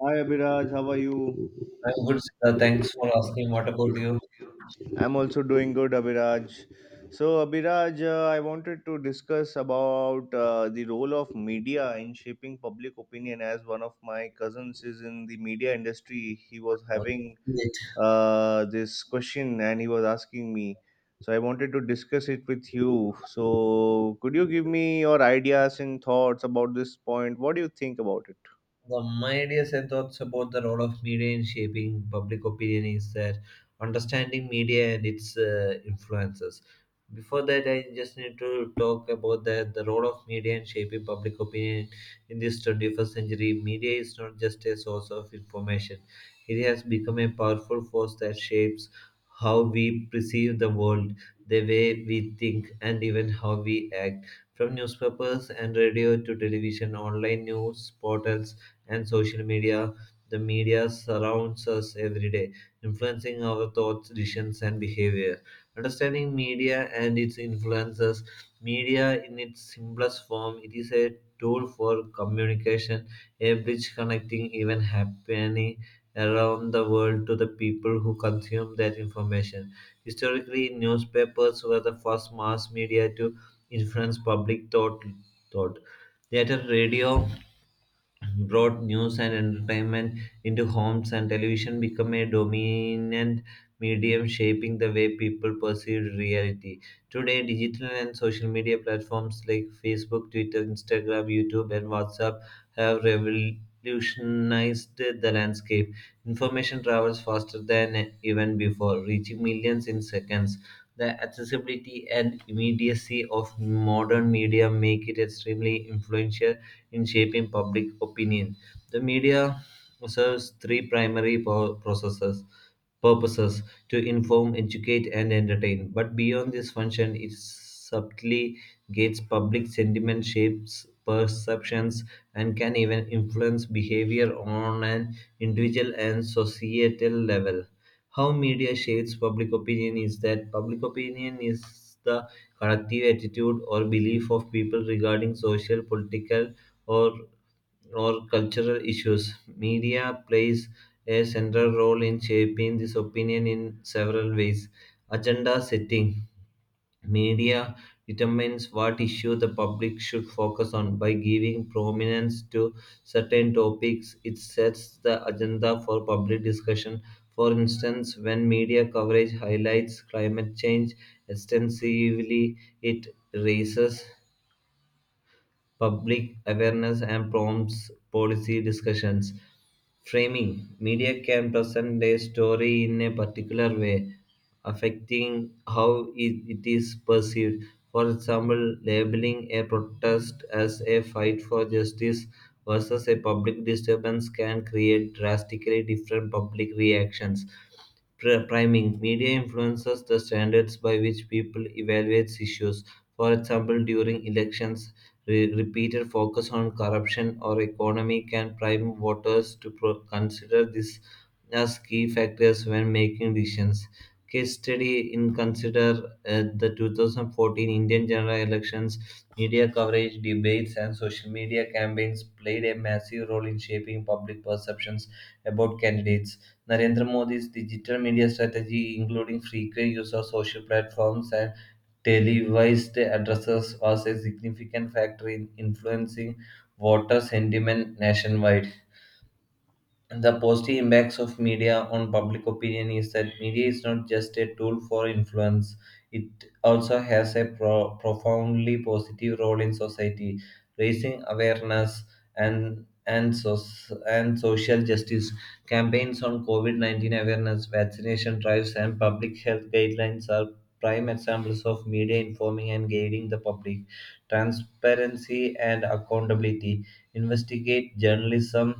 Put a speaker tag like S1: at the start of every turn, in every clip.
S1: Hi Abhiraj, how are you?
S2: I'm good, Siddha. Thanks for asking. What about you?
S1: I'm also doing good, Abhiraj. So, Abhiraj, I wanted to discuss about the role of media in shaping public opinion. As one of my cousins is in the media industry, he was having this question and he was asking me. So, I wanted to discuss it with you. So, could you give me your ideas and thoughts about this point? What do you think about it?
S2: My ideas and thoughts about the role of media in shaping public opinion is that understanding media and its influences. Before that, I just need to talk about that the role of media in shaping public opinion in this 21st century. Media is not just a source of information; it has become a powerful force that shapes how we perceive the world, the way we think, and even how we act. From newspapers and radio to television, online news portals and social media, the media surrounds us every day, influencing our thoughts, decisions, and behavior. Understanding media and its influences, media in its simplest form, it is a tool for communication, a bridge connecting even happening around the world to the people who consume that information. Historically, newspapers were the first mass media to influence public thought. Later, radio brought news and entertainment into homes, and television became a dominant medium shaping the way people perceived reality. Today, digital and social media platforms like Facebook, Twitter, Instagram, YouTube, and WhatsApp have revolutionized the landscape. Information travels faster than even before, reaching millions in seconds. The accessibility and immediacy of modern media make it extremely influential in shaping public opinion. The media serves three primary po- processes purposes to inform, educate, and entertain. But beyond this function, it subtly gates public sentiment, shapes perceptions, and can even influence behavior on an individual and societal level. How media shapes public opinion is that public opinion is the collective attitude or belief of people regarding social, political, or or cultural issues. Media plays a central role in shaping this opinion in several ways. Agenda setting: media determines what issue the public should focus on. By giving prominence to certain topics, it sets the agenda for public discussion. For instance, when media coverage highlights climate change extensively, it raises public awareness and prompts policy discussions. Framing: media can present a story in a particular way, affecting how it is perceived. For example, labeling a protest as a fight for justice versus a public disturbance can create drastically different public reactions. Priming: media influences the standards by which people evaluate issues. For example, during elections, repeated focus on corruption or economy can prime voters to consider this as key factors when making decisions. Case study: in consider the 2014 Indian general elections, media coverage, debates, and social media campaigns played a massive role in shaping public perceptions about candidates. Narendra Modi's digital media strategy, including frequent use of social platforms and televised addresses, was a significant factor in influencing voter sentiment nationwide. The positive impacts of media on public opinion is that media is not just a tool for influence, it also has a profoundly positive role in society. Raising awareness and and so- and social justice campaigns on covid-19 awareness, vaccination drives, and public health guidelines are prime examples of media informing and guiding the public. Transparency and accountability: investigate journalism.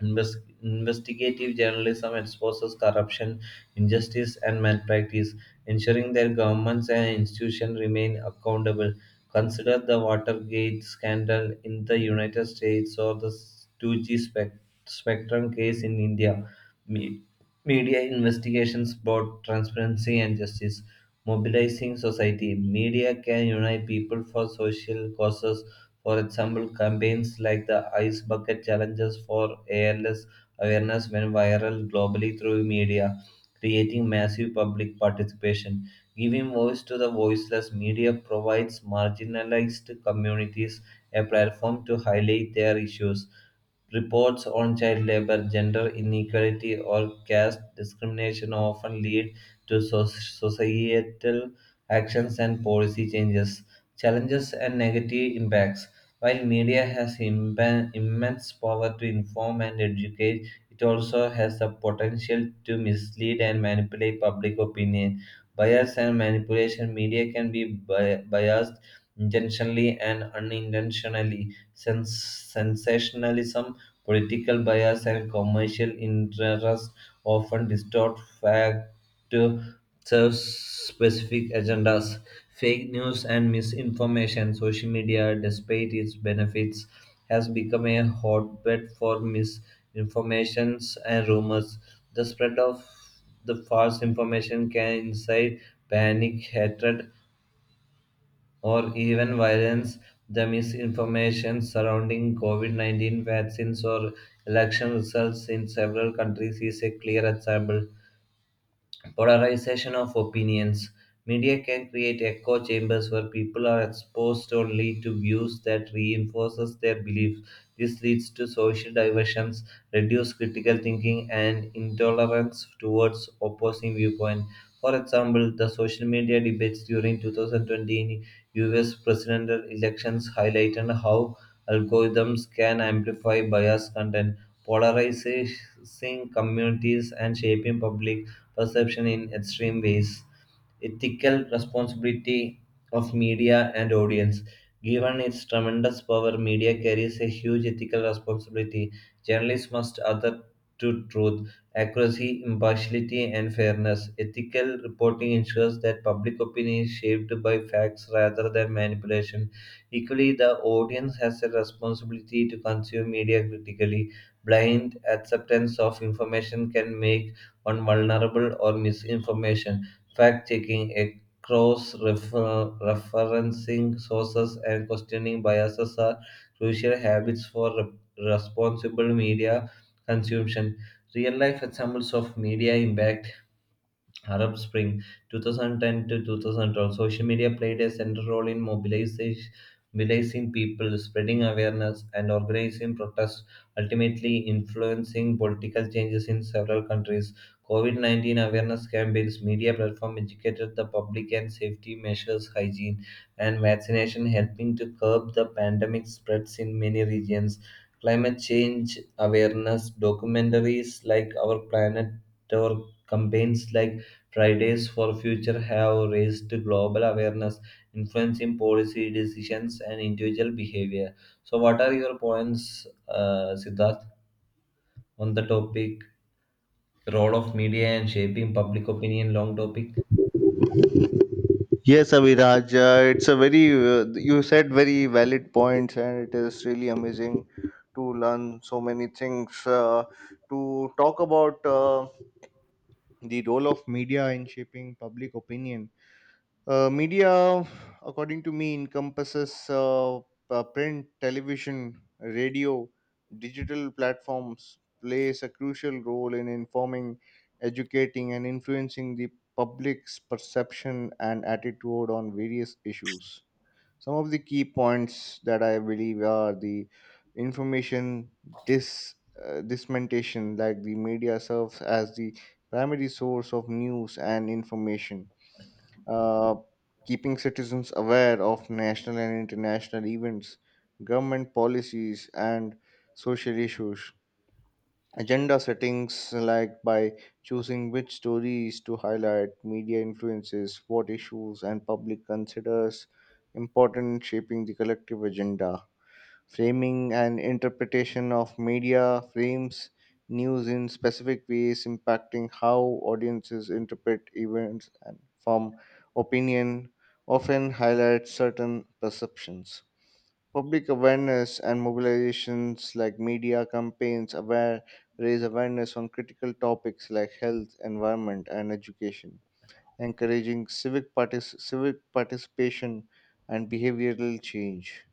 S2: Inves- Investigative journalism exposes corruption, injustice, and malpractice, ensuring that governments and institutions remain accountable. Consider the Watergate scandal in the United States or the 2G Spectrum case in India. Me- Media investigations brought transparency and justice, mobilizing society. Media can unite people for social causes. For example, campaigns like the Ice Bucket Challenges for ALS awareness went viral globally through media, creating massive public participation. Giving voice to the voiceless, media provides marginalized communities a platform to highlight their issues. Reports on child labor, gender inequality, or caste discrimination often lead to societal actions and policy changes. Challenges and negative impacts. While media has immense power to inform and educate, it also has the potential to mislead and manipulate public opinion. Bias and manipulation. Media can be biased intentionally and unintentionally. Sensationalism, political bias, and commercial interests often distort fact to serve specific agendas. Fake news and misinformation: social media, despite its benefits, has become a hotbed for misinformations and rumors. The spread of the false information can incite panic, hatred, or even violence. The misinformation surrounding COVID 19 vaccines or election results in several countries is a clear example. Polarization of opinions: media can create echo chambers where people are exposed only to views that reinforces their beliefs. This leads to social diversions, reduced critical thinking, and intolerance towards opposing viewpoint. For example, the social media debates during 2020 U.S. presidential elections highlighted how algorithms can amplify biased content, polarizing communities, and shaping public perception in extreme ways. Ethical responsibility of media and audience. Given its tremendous power, media carries a huge ethical responsibility. Journalists must adhere to truth, accuracy, impartiality, and fairness. Ethical reporting ensures that public opinion is shaped by facts rather than manipulation. Equally, the audience has a responsibility to consume media critically. Blind acceptance of information can make one vulnerable or misinformation. Fact checking, cross referencing sources, and questioning biases are crucial habits for responsible media consumption. Real life examples of media impact: Arab Spring, 2010 to 2012, social media played a central role in mobilizing people, spreading awareness, and organizing protests, ultimately influencing political changes in several countries. COVID 19 awareness campaigns: media platform educated the public, and safety measures, hygiene, and vaccination helping to curb the pandemic spreads in many regions. Climate change awareness documentaries like Our Planet or campaigns like Fridays for Future have raised global awareness, influencing policy decisions and individual behavior. So, what are your points, Siddharth, on the topic role of media and shaping public opinion? Long topic.
S1: Yes, Abhiraj, it's a very, you said very valid points, and it is really amazing to learn so many things. To talk about the role of media in shaping public opinion, media, according to me, encompasses print, television, radio, digital platforms, plays a crucial role in informing, educating, and influencing the public's perception and attitude on various issues. Some of the key points that I believe are the information dis, dissemination, like the media serves as the primary source of news and information, uh, keeping citizens aware of national and international events, government policies, and social issues. Agenda settings, like by choosing which stories to highlight, media influences what issues and public considers important in shaping the collective agenda. Framing and interpretation of media frames news in specific ways, impacting how audiences interpret events and form opinion, often highlight certain perceptions. Public awareness and mobilizations, like media campaigns aware raise awareness on critical topics like health, environment, and education, encouraging civic, civic participation and behavioral change.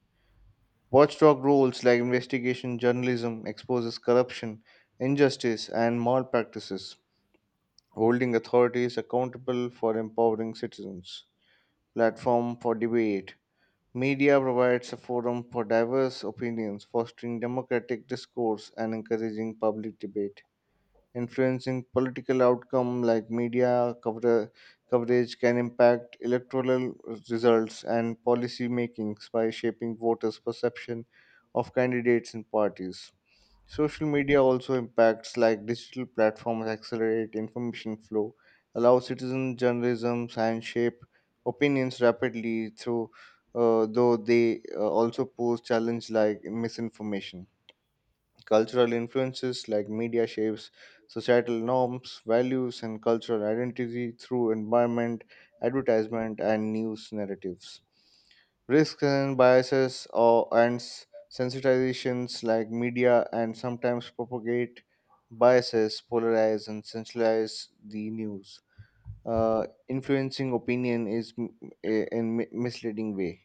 S1: Watchdog roles, like investigation journalism exposes corruption, injustice, and malpractices, holding authorities accountable for empowering citizens. Platform for debate. Media provides a forum for diverse opinions, fostering democratic discourse and encouraging public debate, influencing political outcome like media coverage can impact electoral results and policy makings by shaping voters' perception of candidates and parties. Social media also impacts, like digital platforms accelerate information flow, allow citizen journalism and shape opinions rapidly through though they also pose challenge like misinformation. Cultural influences, like media shapes societal norms, values, and cultural identity through environment, advertisement, and news narratives. Risks and biases or and sensitizations, like media and sometimes propagate biases, polarize, and centralize the news, influencing opinion is in misleading way.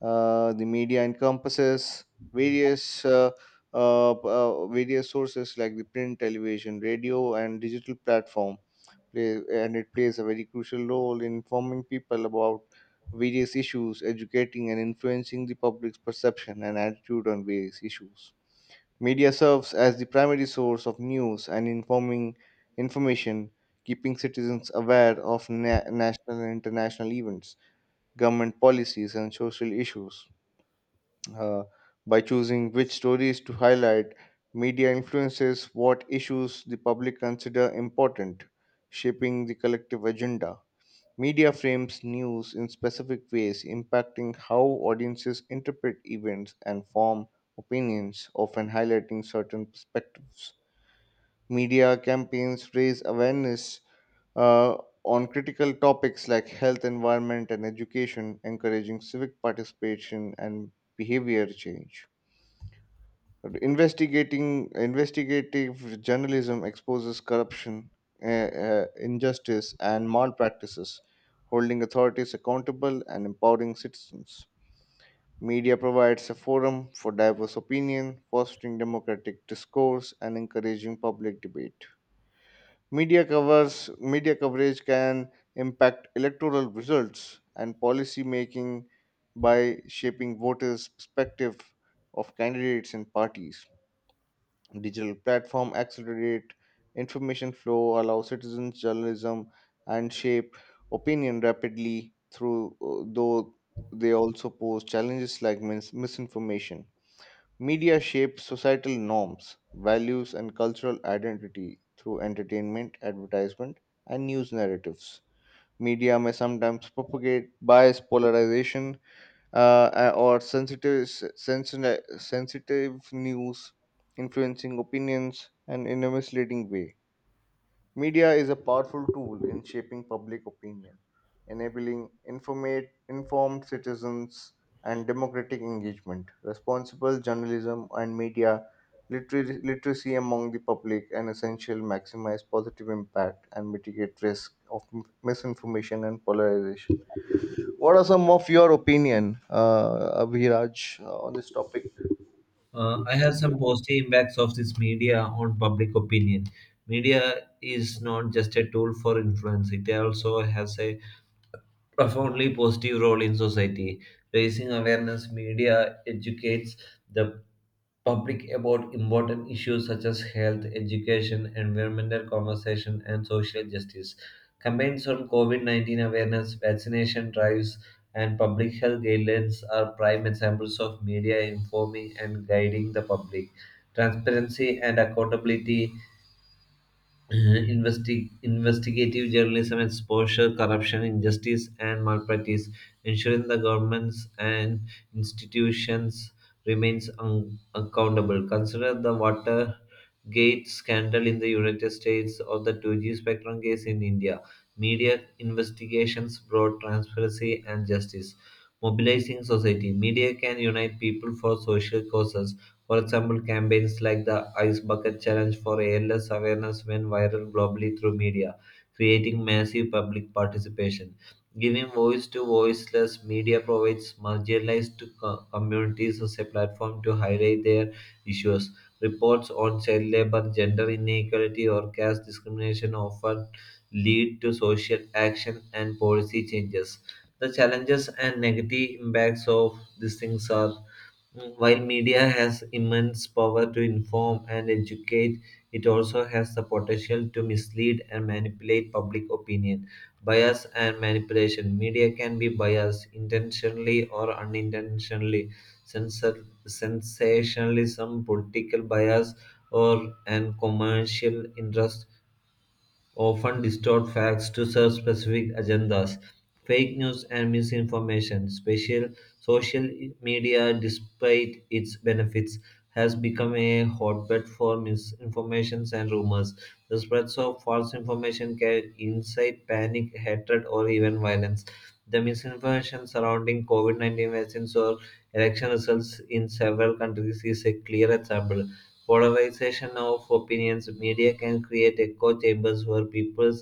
S1: The media encompasses various various sources like the print, television, radio, and digital platform, and it plays a very crucial role in informing people about various issues, educating and influencing the public's perception and attitude on various issues. Media serves as the primary source of news and informing information, keeping citizens aware of national and international events, government policies, and social issues. Uh, by choosing which stories to highlight, media influences what issues the public consider important, shaping the collective agenda. Media frames news in specific ways, impacting how audiences interpret events and form opinions, often highlighting certain perspectives. Media campaigns raise awareness uh, on critical topics like health, environment, and education, encouraging civic participation and behavior change. Investigating Investigative journalism exposes corruption, uh, injustice, and malpractices, holding authorities accountable and empowering citizens. Media provides a forum for diverse opinion, fostering democratic discourse and encouraging public debate. Media coverage can impact electoral results and policy making by shaping voters' perspective of candidates and parties. Digital platform accelerate information flow, allow citizens journalism, and shape opinion rapidly through though they also pose challenges like misinformation. Media shapes societal norms, values, and cultural identity through entertainment, advertisement, and news narratives. Media may sometimes propagate bias, polarization, or sensitive news influencing opinions and in a misleading way. Media is a powerful tool in shaping public opinion, enabling informed citizens and democratic engagement. Responsible journalism and media literacy among the public and essential maximize positive impact and mitigate risk of misinformation and polarization. What are some of your opinion, Abhiraj, on this topic?
S2: I have some positive impacts of this media on public opinion. Media is not just a tool for influence; it also has a profoundly positive role in society. Raising awareness, media educates the public about important issues such as health, education, environmental conversation, and social justice. Campaigns on COVID 19 awareness, vaccination drives, and public health guidelines are prime examples of media informing and guiding the public. Transparency and accountability. Investigative journalism exposure corruption, injustice, and malpractice, ensuring the governments and institutions remains accountable. Consider the Watergate scandal in the United States or the 2G spectrum case in India. Media investigations brought transparency and justice. Mobilizing society. Media can unite people for social causes. For example, campaigns like the Ice Bucket Challenge for ALS awareness went viral globally through media, creating massive public participation. Giving voice to voiceless, media provides marginalized communities as a platform to highlight their issues. Reports on child labor, gender inequality, or caste discrimination often lead to social action and policy changes. The challenges and negative impacts of these things are. While media has immense power to inform and educate, it also has the potential to mislead and manipulate public opinion. Bias and manipulation. Media can be biased intentionally or unintentionally. Sensationalism, political bias, or and commercial interest often distort facts to serve specific agendas. Fake news and misinformation. Special Social media, despite its benefits, has become a hotbed for misinformations and rumors. The spreads of false information can incite panic, hatred, or even violence. The misinformation surrounding COVID 19 vaccines or election results in several countries is a clear example. Polarization of opinions: media can create echo chambers where people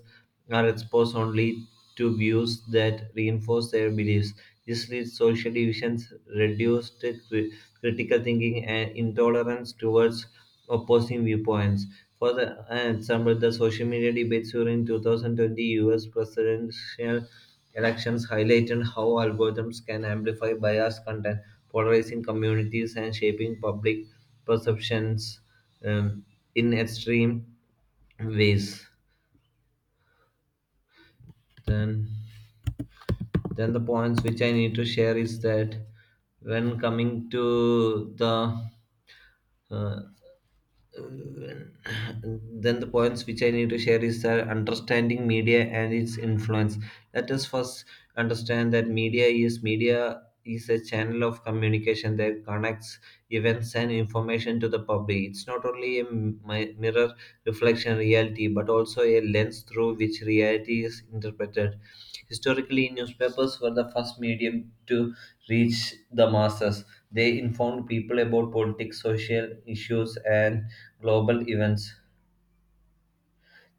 S2: are exposed only to views that reinforce their beliefs. This leads to social divisions, reduced cri- critical thinking, and intolerance towards opposing viewpoints. For the an example, the social media debates during 2020 US presidential elections highlighted how algorithms can amplify biased content, polarizing communities, and shaping public perceptions um, in extreme ways. Then, then the points which I need to share is that when coming to the uh, then the points which I need to share is that understanding media and its influence. Let us first understand that media is a channel of communication that connects events and information to the public. It's not only a mirror reflection reality, but also a lens through which reality is interpreted. Historically, newspapers were the first medium to reach the masses. They informed people about politics, social issues, and global events.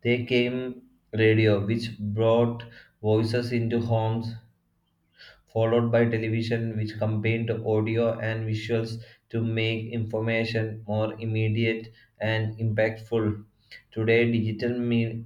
S2: They came radio, which brought voices into homes, followed by television, which combined audio and visuals to make information more immediate and impactful. Today, digital me-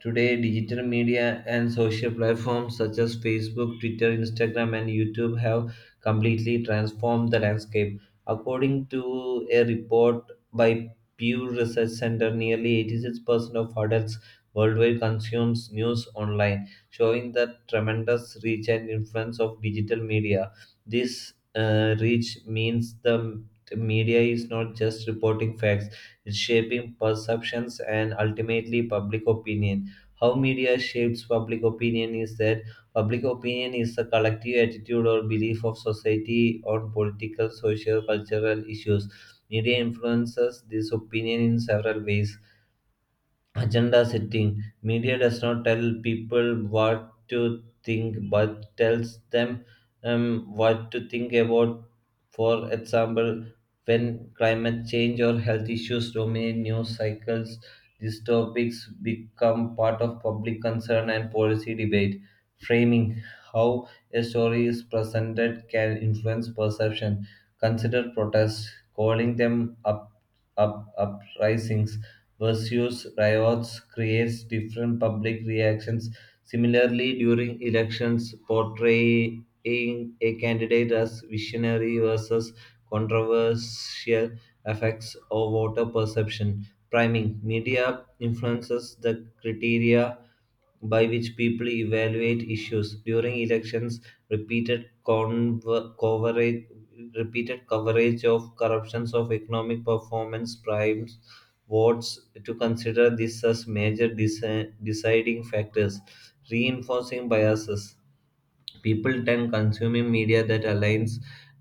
S2: Today, digital media and social platforms such as Facebook, Twitter, Instagram, and YouTube have completely transformed the landscape. According to a report by Pew Research Center, nearly 86% of adults worldwide consumes news online, showing the tremendous reach and influence of digital media. This reach means the media is not just reporting facts, it's shaping perceptions and ultimately public opinion. How media shapes public opinion is that public opinion is the collective attitude or belief of society on political, social, cultural issues. Media influences this opinion in several ways. Agenda setting: media does not tell people what to think but tells them what to think about. For example, when climate change or health issues dominate news cycles, these topics become part of public concern and policy debate. Framing: how a story is presented can influence perception. Consider protests: calling them up, up uprisings versus riots creates different public reactions. Similarly, during elections, portraying a candidate as visionary versus controversial affects our voter perception. Priming: media influences the criteria by which people evaluate issues. During elections, repeated conver- coverage repeated coverage of corruptions of economic performance primes votes to consider this as major deciding factors, reinforcing biases. People tend consuming media that aligns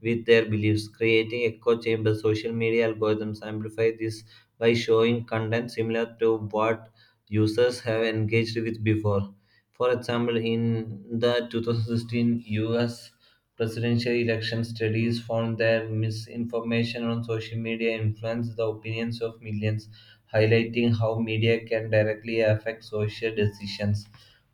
S2: with their beliefs, creating echo chambers. Social media algorithms amplify this by showing content similar to what users have engaged with before. For example, in the 2016 US presidential election, studies found that misinformation on social media influenced the opinions of millions, highlighting how media can directly affect social decisions.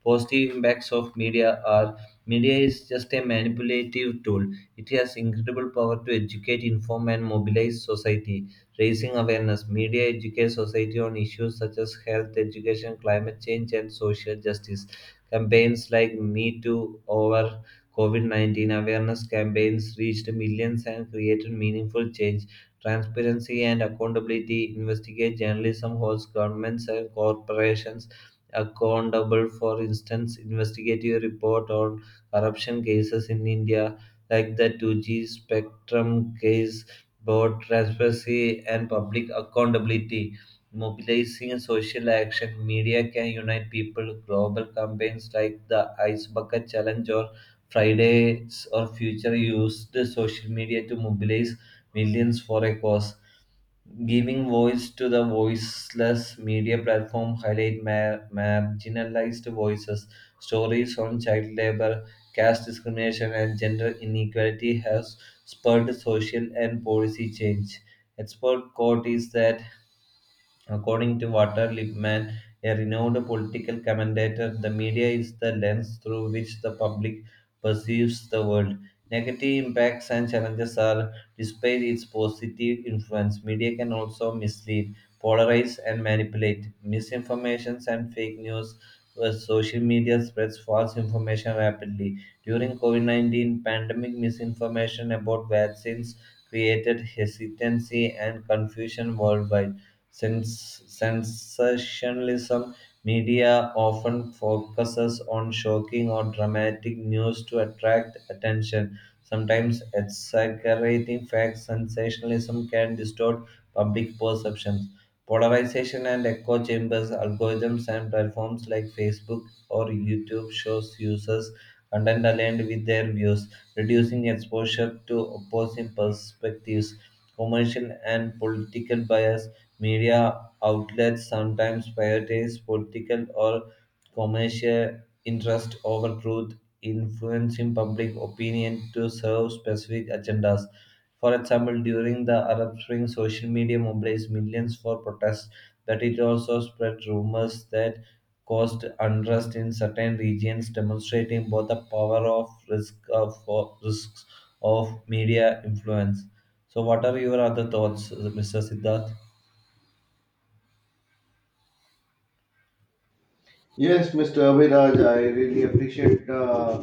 S2: Positive impacts of media are: media is just a manipulative tool. It has incredible power to educate, inform, and mobilize society. Raising awareness, media educates society on issues such as health, education, climate change, and social justice. Campaigns like Me Too over COVID 19 awareness campaigns reached millions and created meaningful change. Transparency and accountability: investigate journalism holds governments and corporations accountable. For instance, investigative report on corruption cases in India, like the 2G Spectrum case, brought transparency and public accountability. Mobilizing social action, media can unite people. Global campaigns like the Ice Bucket Challenge or Fridays or Future used the social media to mobilize millions for a cause. Giving voice to the voiceless, media platform highlight marginalized voices. Stories on child labor, caste discrimination, and gender inequality have spurred social and policy change. Expert quote is that according to Walter Lippmann, a renowned political commentator, the media is the lens through which the public perceives the world. Negative impacts and challenges are, despite its positive influence, media can also mislead, polarize, and manipulate. Misinformation and fake news, where social media spreads false information rapidly. During COVID 19 pandemic, misinformation about vaccines created hesitancy and confusion worldwide. Sensationalism: media often focuses on shocking or dramatic news to attract attention. Sometimes exaggerating facts, sensationalism can distort public perceptions. Polarization and echo chambers: algorithms and platforms like Facebook or YouTube shows users content aligned with their views, reducing exposure to opposing perspectives. Commercial and political bias: media outlets sometimes prioritize political or commercial interest over truth, influencing public opinion to serve specific agendas. For example, during the Arab Spring, social media mobilized millions for protests, but it also spread rumors that caused unrest in certain regions, demonstrating both the power of risk of for risks of media influence. So, what are your other thoughts, Mr. Siddharth?
S1: Yes, Mr. Abhiraj, I really appreciate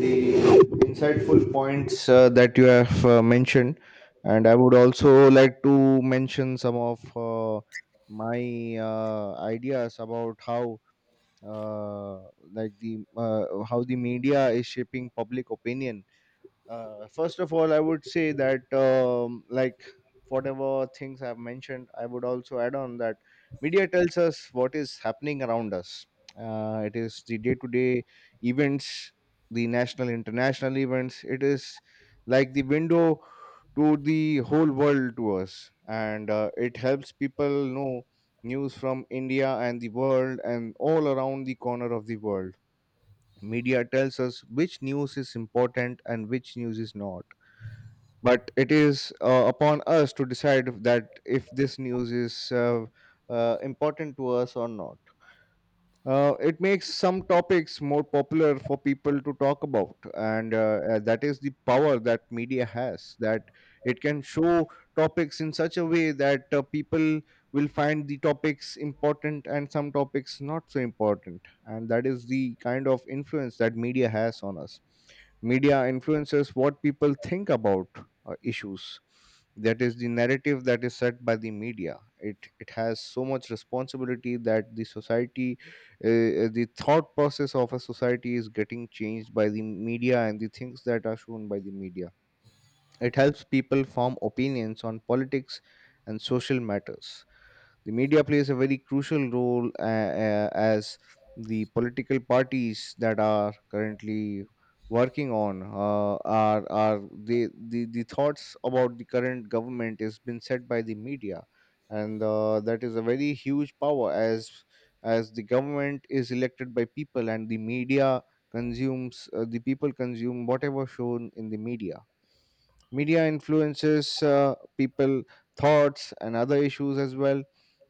S1: the insightful points that you have mentioned, and I would also like to mention some of my ideas about how, uh, like the how the media is shaping public opinion. First of all, I would say that like whatever things I've mentioned, I would also add on that media tells us what is happening around us. It is the day-to-day events, the national international events. It is like the window to the whole world to us, and it helps people know news from India and the world and all around the corner of the world. Media tells us which news is important and which news is not, but it is upon us to decide that if this news is important to us or not. It makes some topics more popular for people to talk about, and that is the power that media has. That it can show topics in such a way that people will find the topics important and some topics not so important, and that is the kind of influence that media has on us. Media influences what people think about issues. That is the narrative that is set by the media. It has so much responsibility that the society, the thought process of a society is getting changed by the media and the things that are shown by the media. It helps people form opinions on politics and social matters. The media plays a very crucial role as the political parties that are currently working on, the thoughts about the current government is been set by the media, and that is a very huge power, as the government is elected by people and the media consumes the people consume whatever shown in the media. Media influences people thoughts and other issues as well.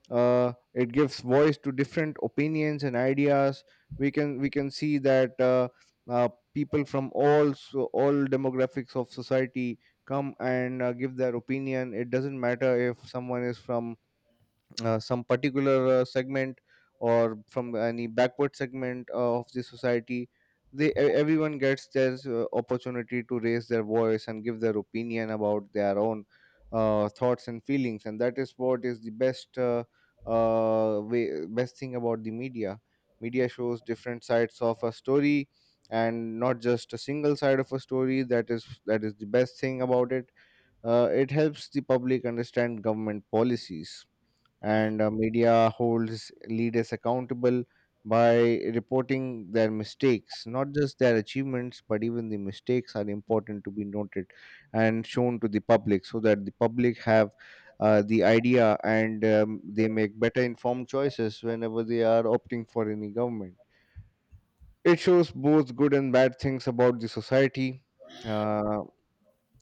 S1: It gives voice to different opinions and ideas. We can see that uh, people from all demographics of society come and give their opinion. It doesn't matter if someone is from some particular segment or from any backward segment of the society. They everyone gets their opportunity to raise their voice and give their opinion about their own thoughts and feelings, and that is what is the best best thing about the media. Media shows different sides of a story and not just a single side of a story. That is the best thing about it. It helps the public understand government policies, and media holds leaders accountable by reporting their mistakes, not just their achievements, but even the mistakes are important to be noted and shown to the public, so that the public have the idea, and they make better informed choices whenever they are opting for any government. It shows both good and bad things about the society. uh,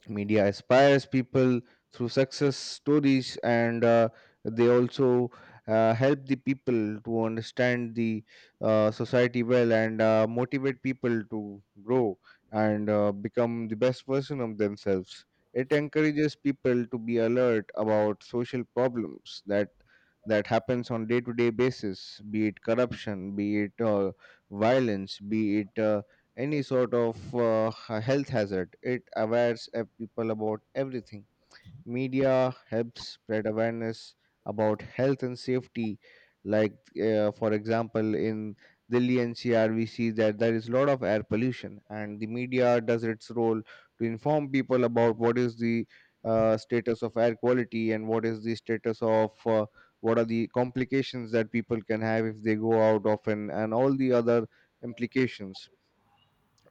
S1: Media inspires people through success stories, and they also help the people to understand the society well, and motivate people to grow and become the best version of themselves. It encourages people to be alert about social problems that happens on day to day basis, be it corruption, be it violence, be it any sort of health hazard. It awares people about everything. Media helps spread awareness about health and safety. Like, for example, in Delhi NCR, we see that there is a lot of air pollution, and the media does its role to inform people about what is the status of air quality and what is the status of what are the complications that people can have if they go out often, and all the other implications.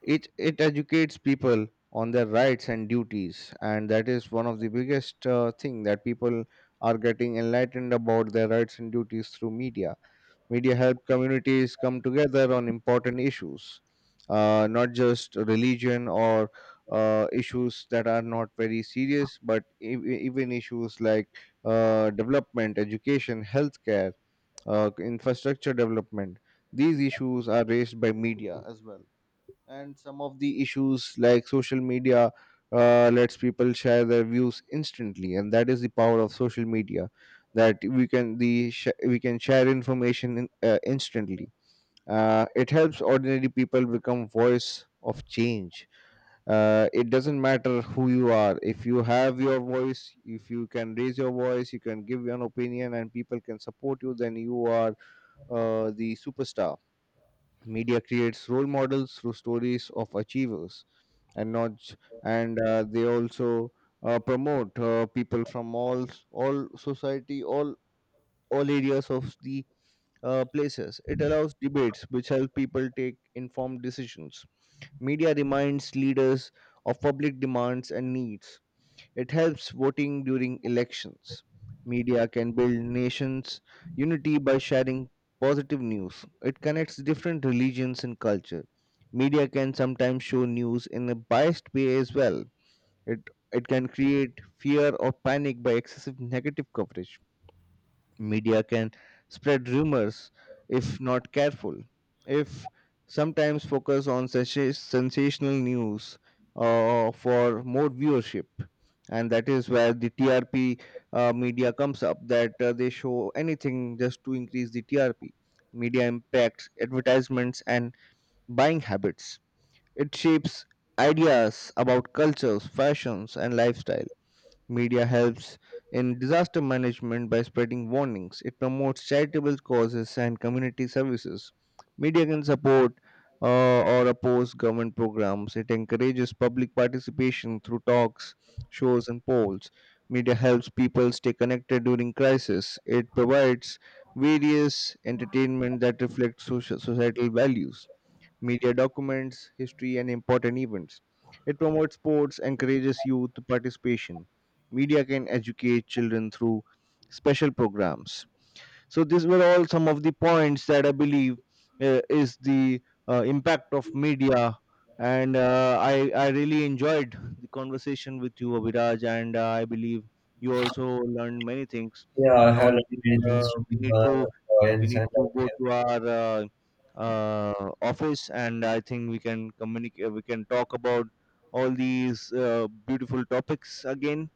S1: It educates people on their rights and duties, and that is one of the biggest thing that people are getting enlightened about their rights and duties through media. Media help communities come together on important issues, not just religion or issues that are not very serious, but even issues like development, education, healthcare, infrastructure development. These issues are raised by media as well, and some of the issues like social media lets people share their views instantly, and that is the power of social media, that we can we can share information in, instantly. It helps ordinary people become voice of change. It doesn't matter who you are. If you have your voice, if you can raise your voice, you can give an opinion and people can support you, then you are the superstar. Media creates role models through stories of achievers, and not j- and they also promote people from all society, all areas of the places. It allows debates, which help people take informed decisions. Media reminds leaders of public demands and needs. It helps voting during elections. Media can build nations' unity by sharing positive news. It connects different religions and culture. Media can sometimes show news in a biased way as well. It, it can create fear or panic by excessive negative coverage. Media can spread rumors if not careful. If sometimes focus on sensational news for more viewership, and that is where the TRP media comes up. That they show anything just to increase the TRP. Media impacts advertisements and buying habits. It shapes ideas about cultures, fashions, and lifestyle. Media helps in disaster management by spreading warnings. It promotes charitable causes and community services. Media can support uh, or oppose government programs. It encourages public participation through talks, shows, and polls. Media helps people stay connected during crisis. It provides various entertainment that reflects social, societal values. Media documents, history, and important events. It promotes sports, encourages youth participation. Media can educate children through special programs. So these were all some of the points that I believe is the impact of media. And uh, I really enjoyed the conversation with you, Abhiraj, and I believe you also learned many things.
S2: Yeah, I
S1: Now
S2: have
S1: I
S2: learned
S1: think
S2: many
S1: uh,
S2: things from
S1: we need
S2: the
S1: to we
S2: audience
S1: need
S2: and I
S1: to go
S2: have,
S1: to our office, and I think we can communicate, we can talk about all these beautiful topics again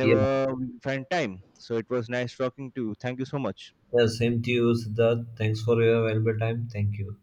S2: yeah,
S1: we find time. So it was nice talking to you. Thank you so much.
S2: yeah, same to you, Siddharth. Thanks for your valuable time. Thank you.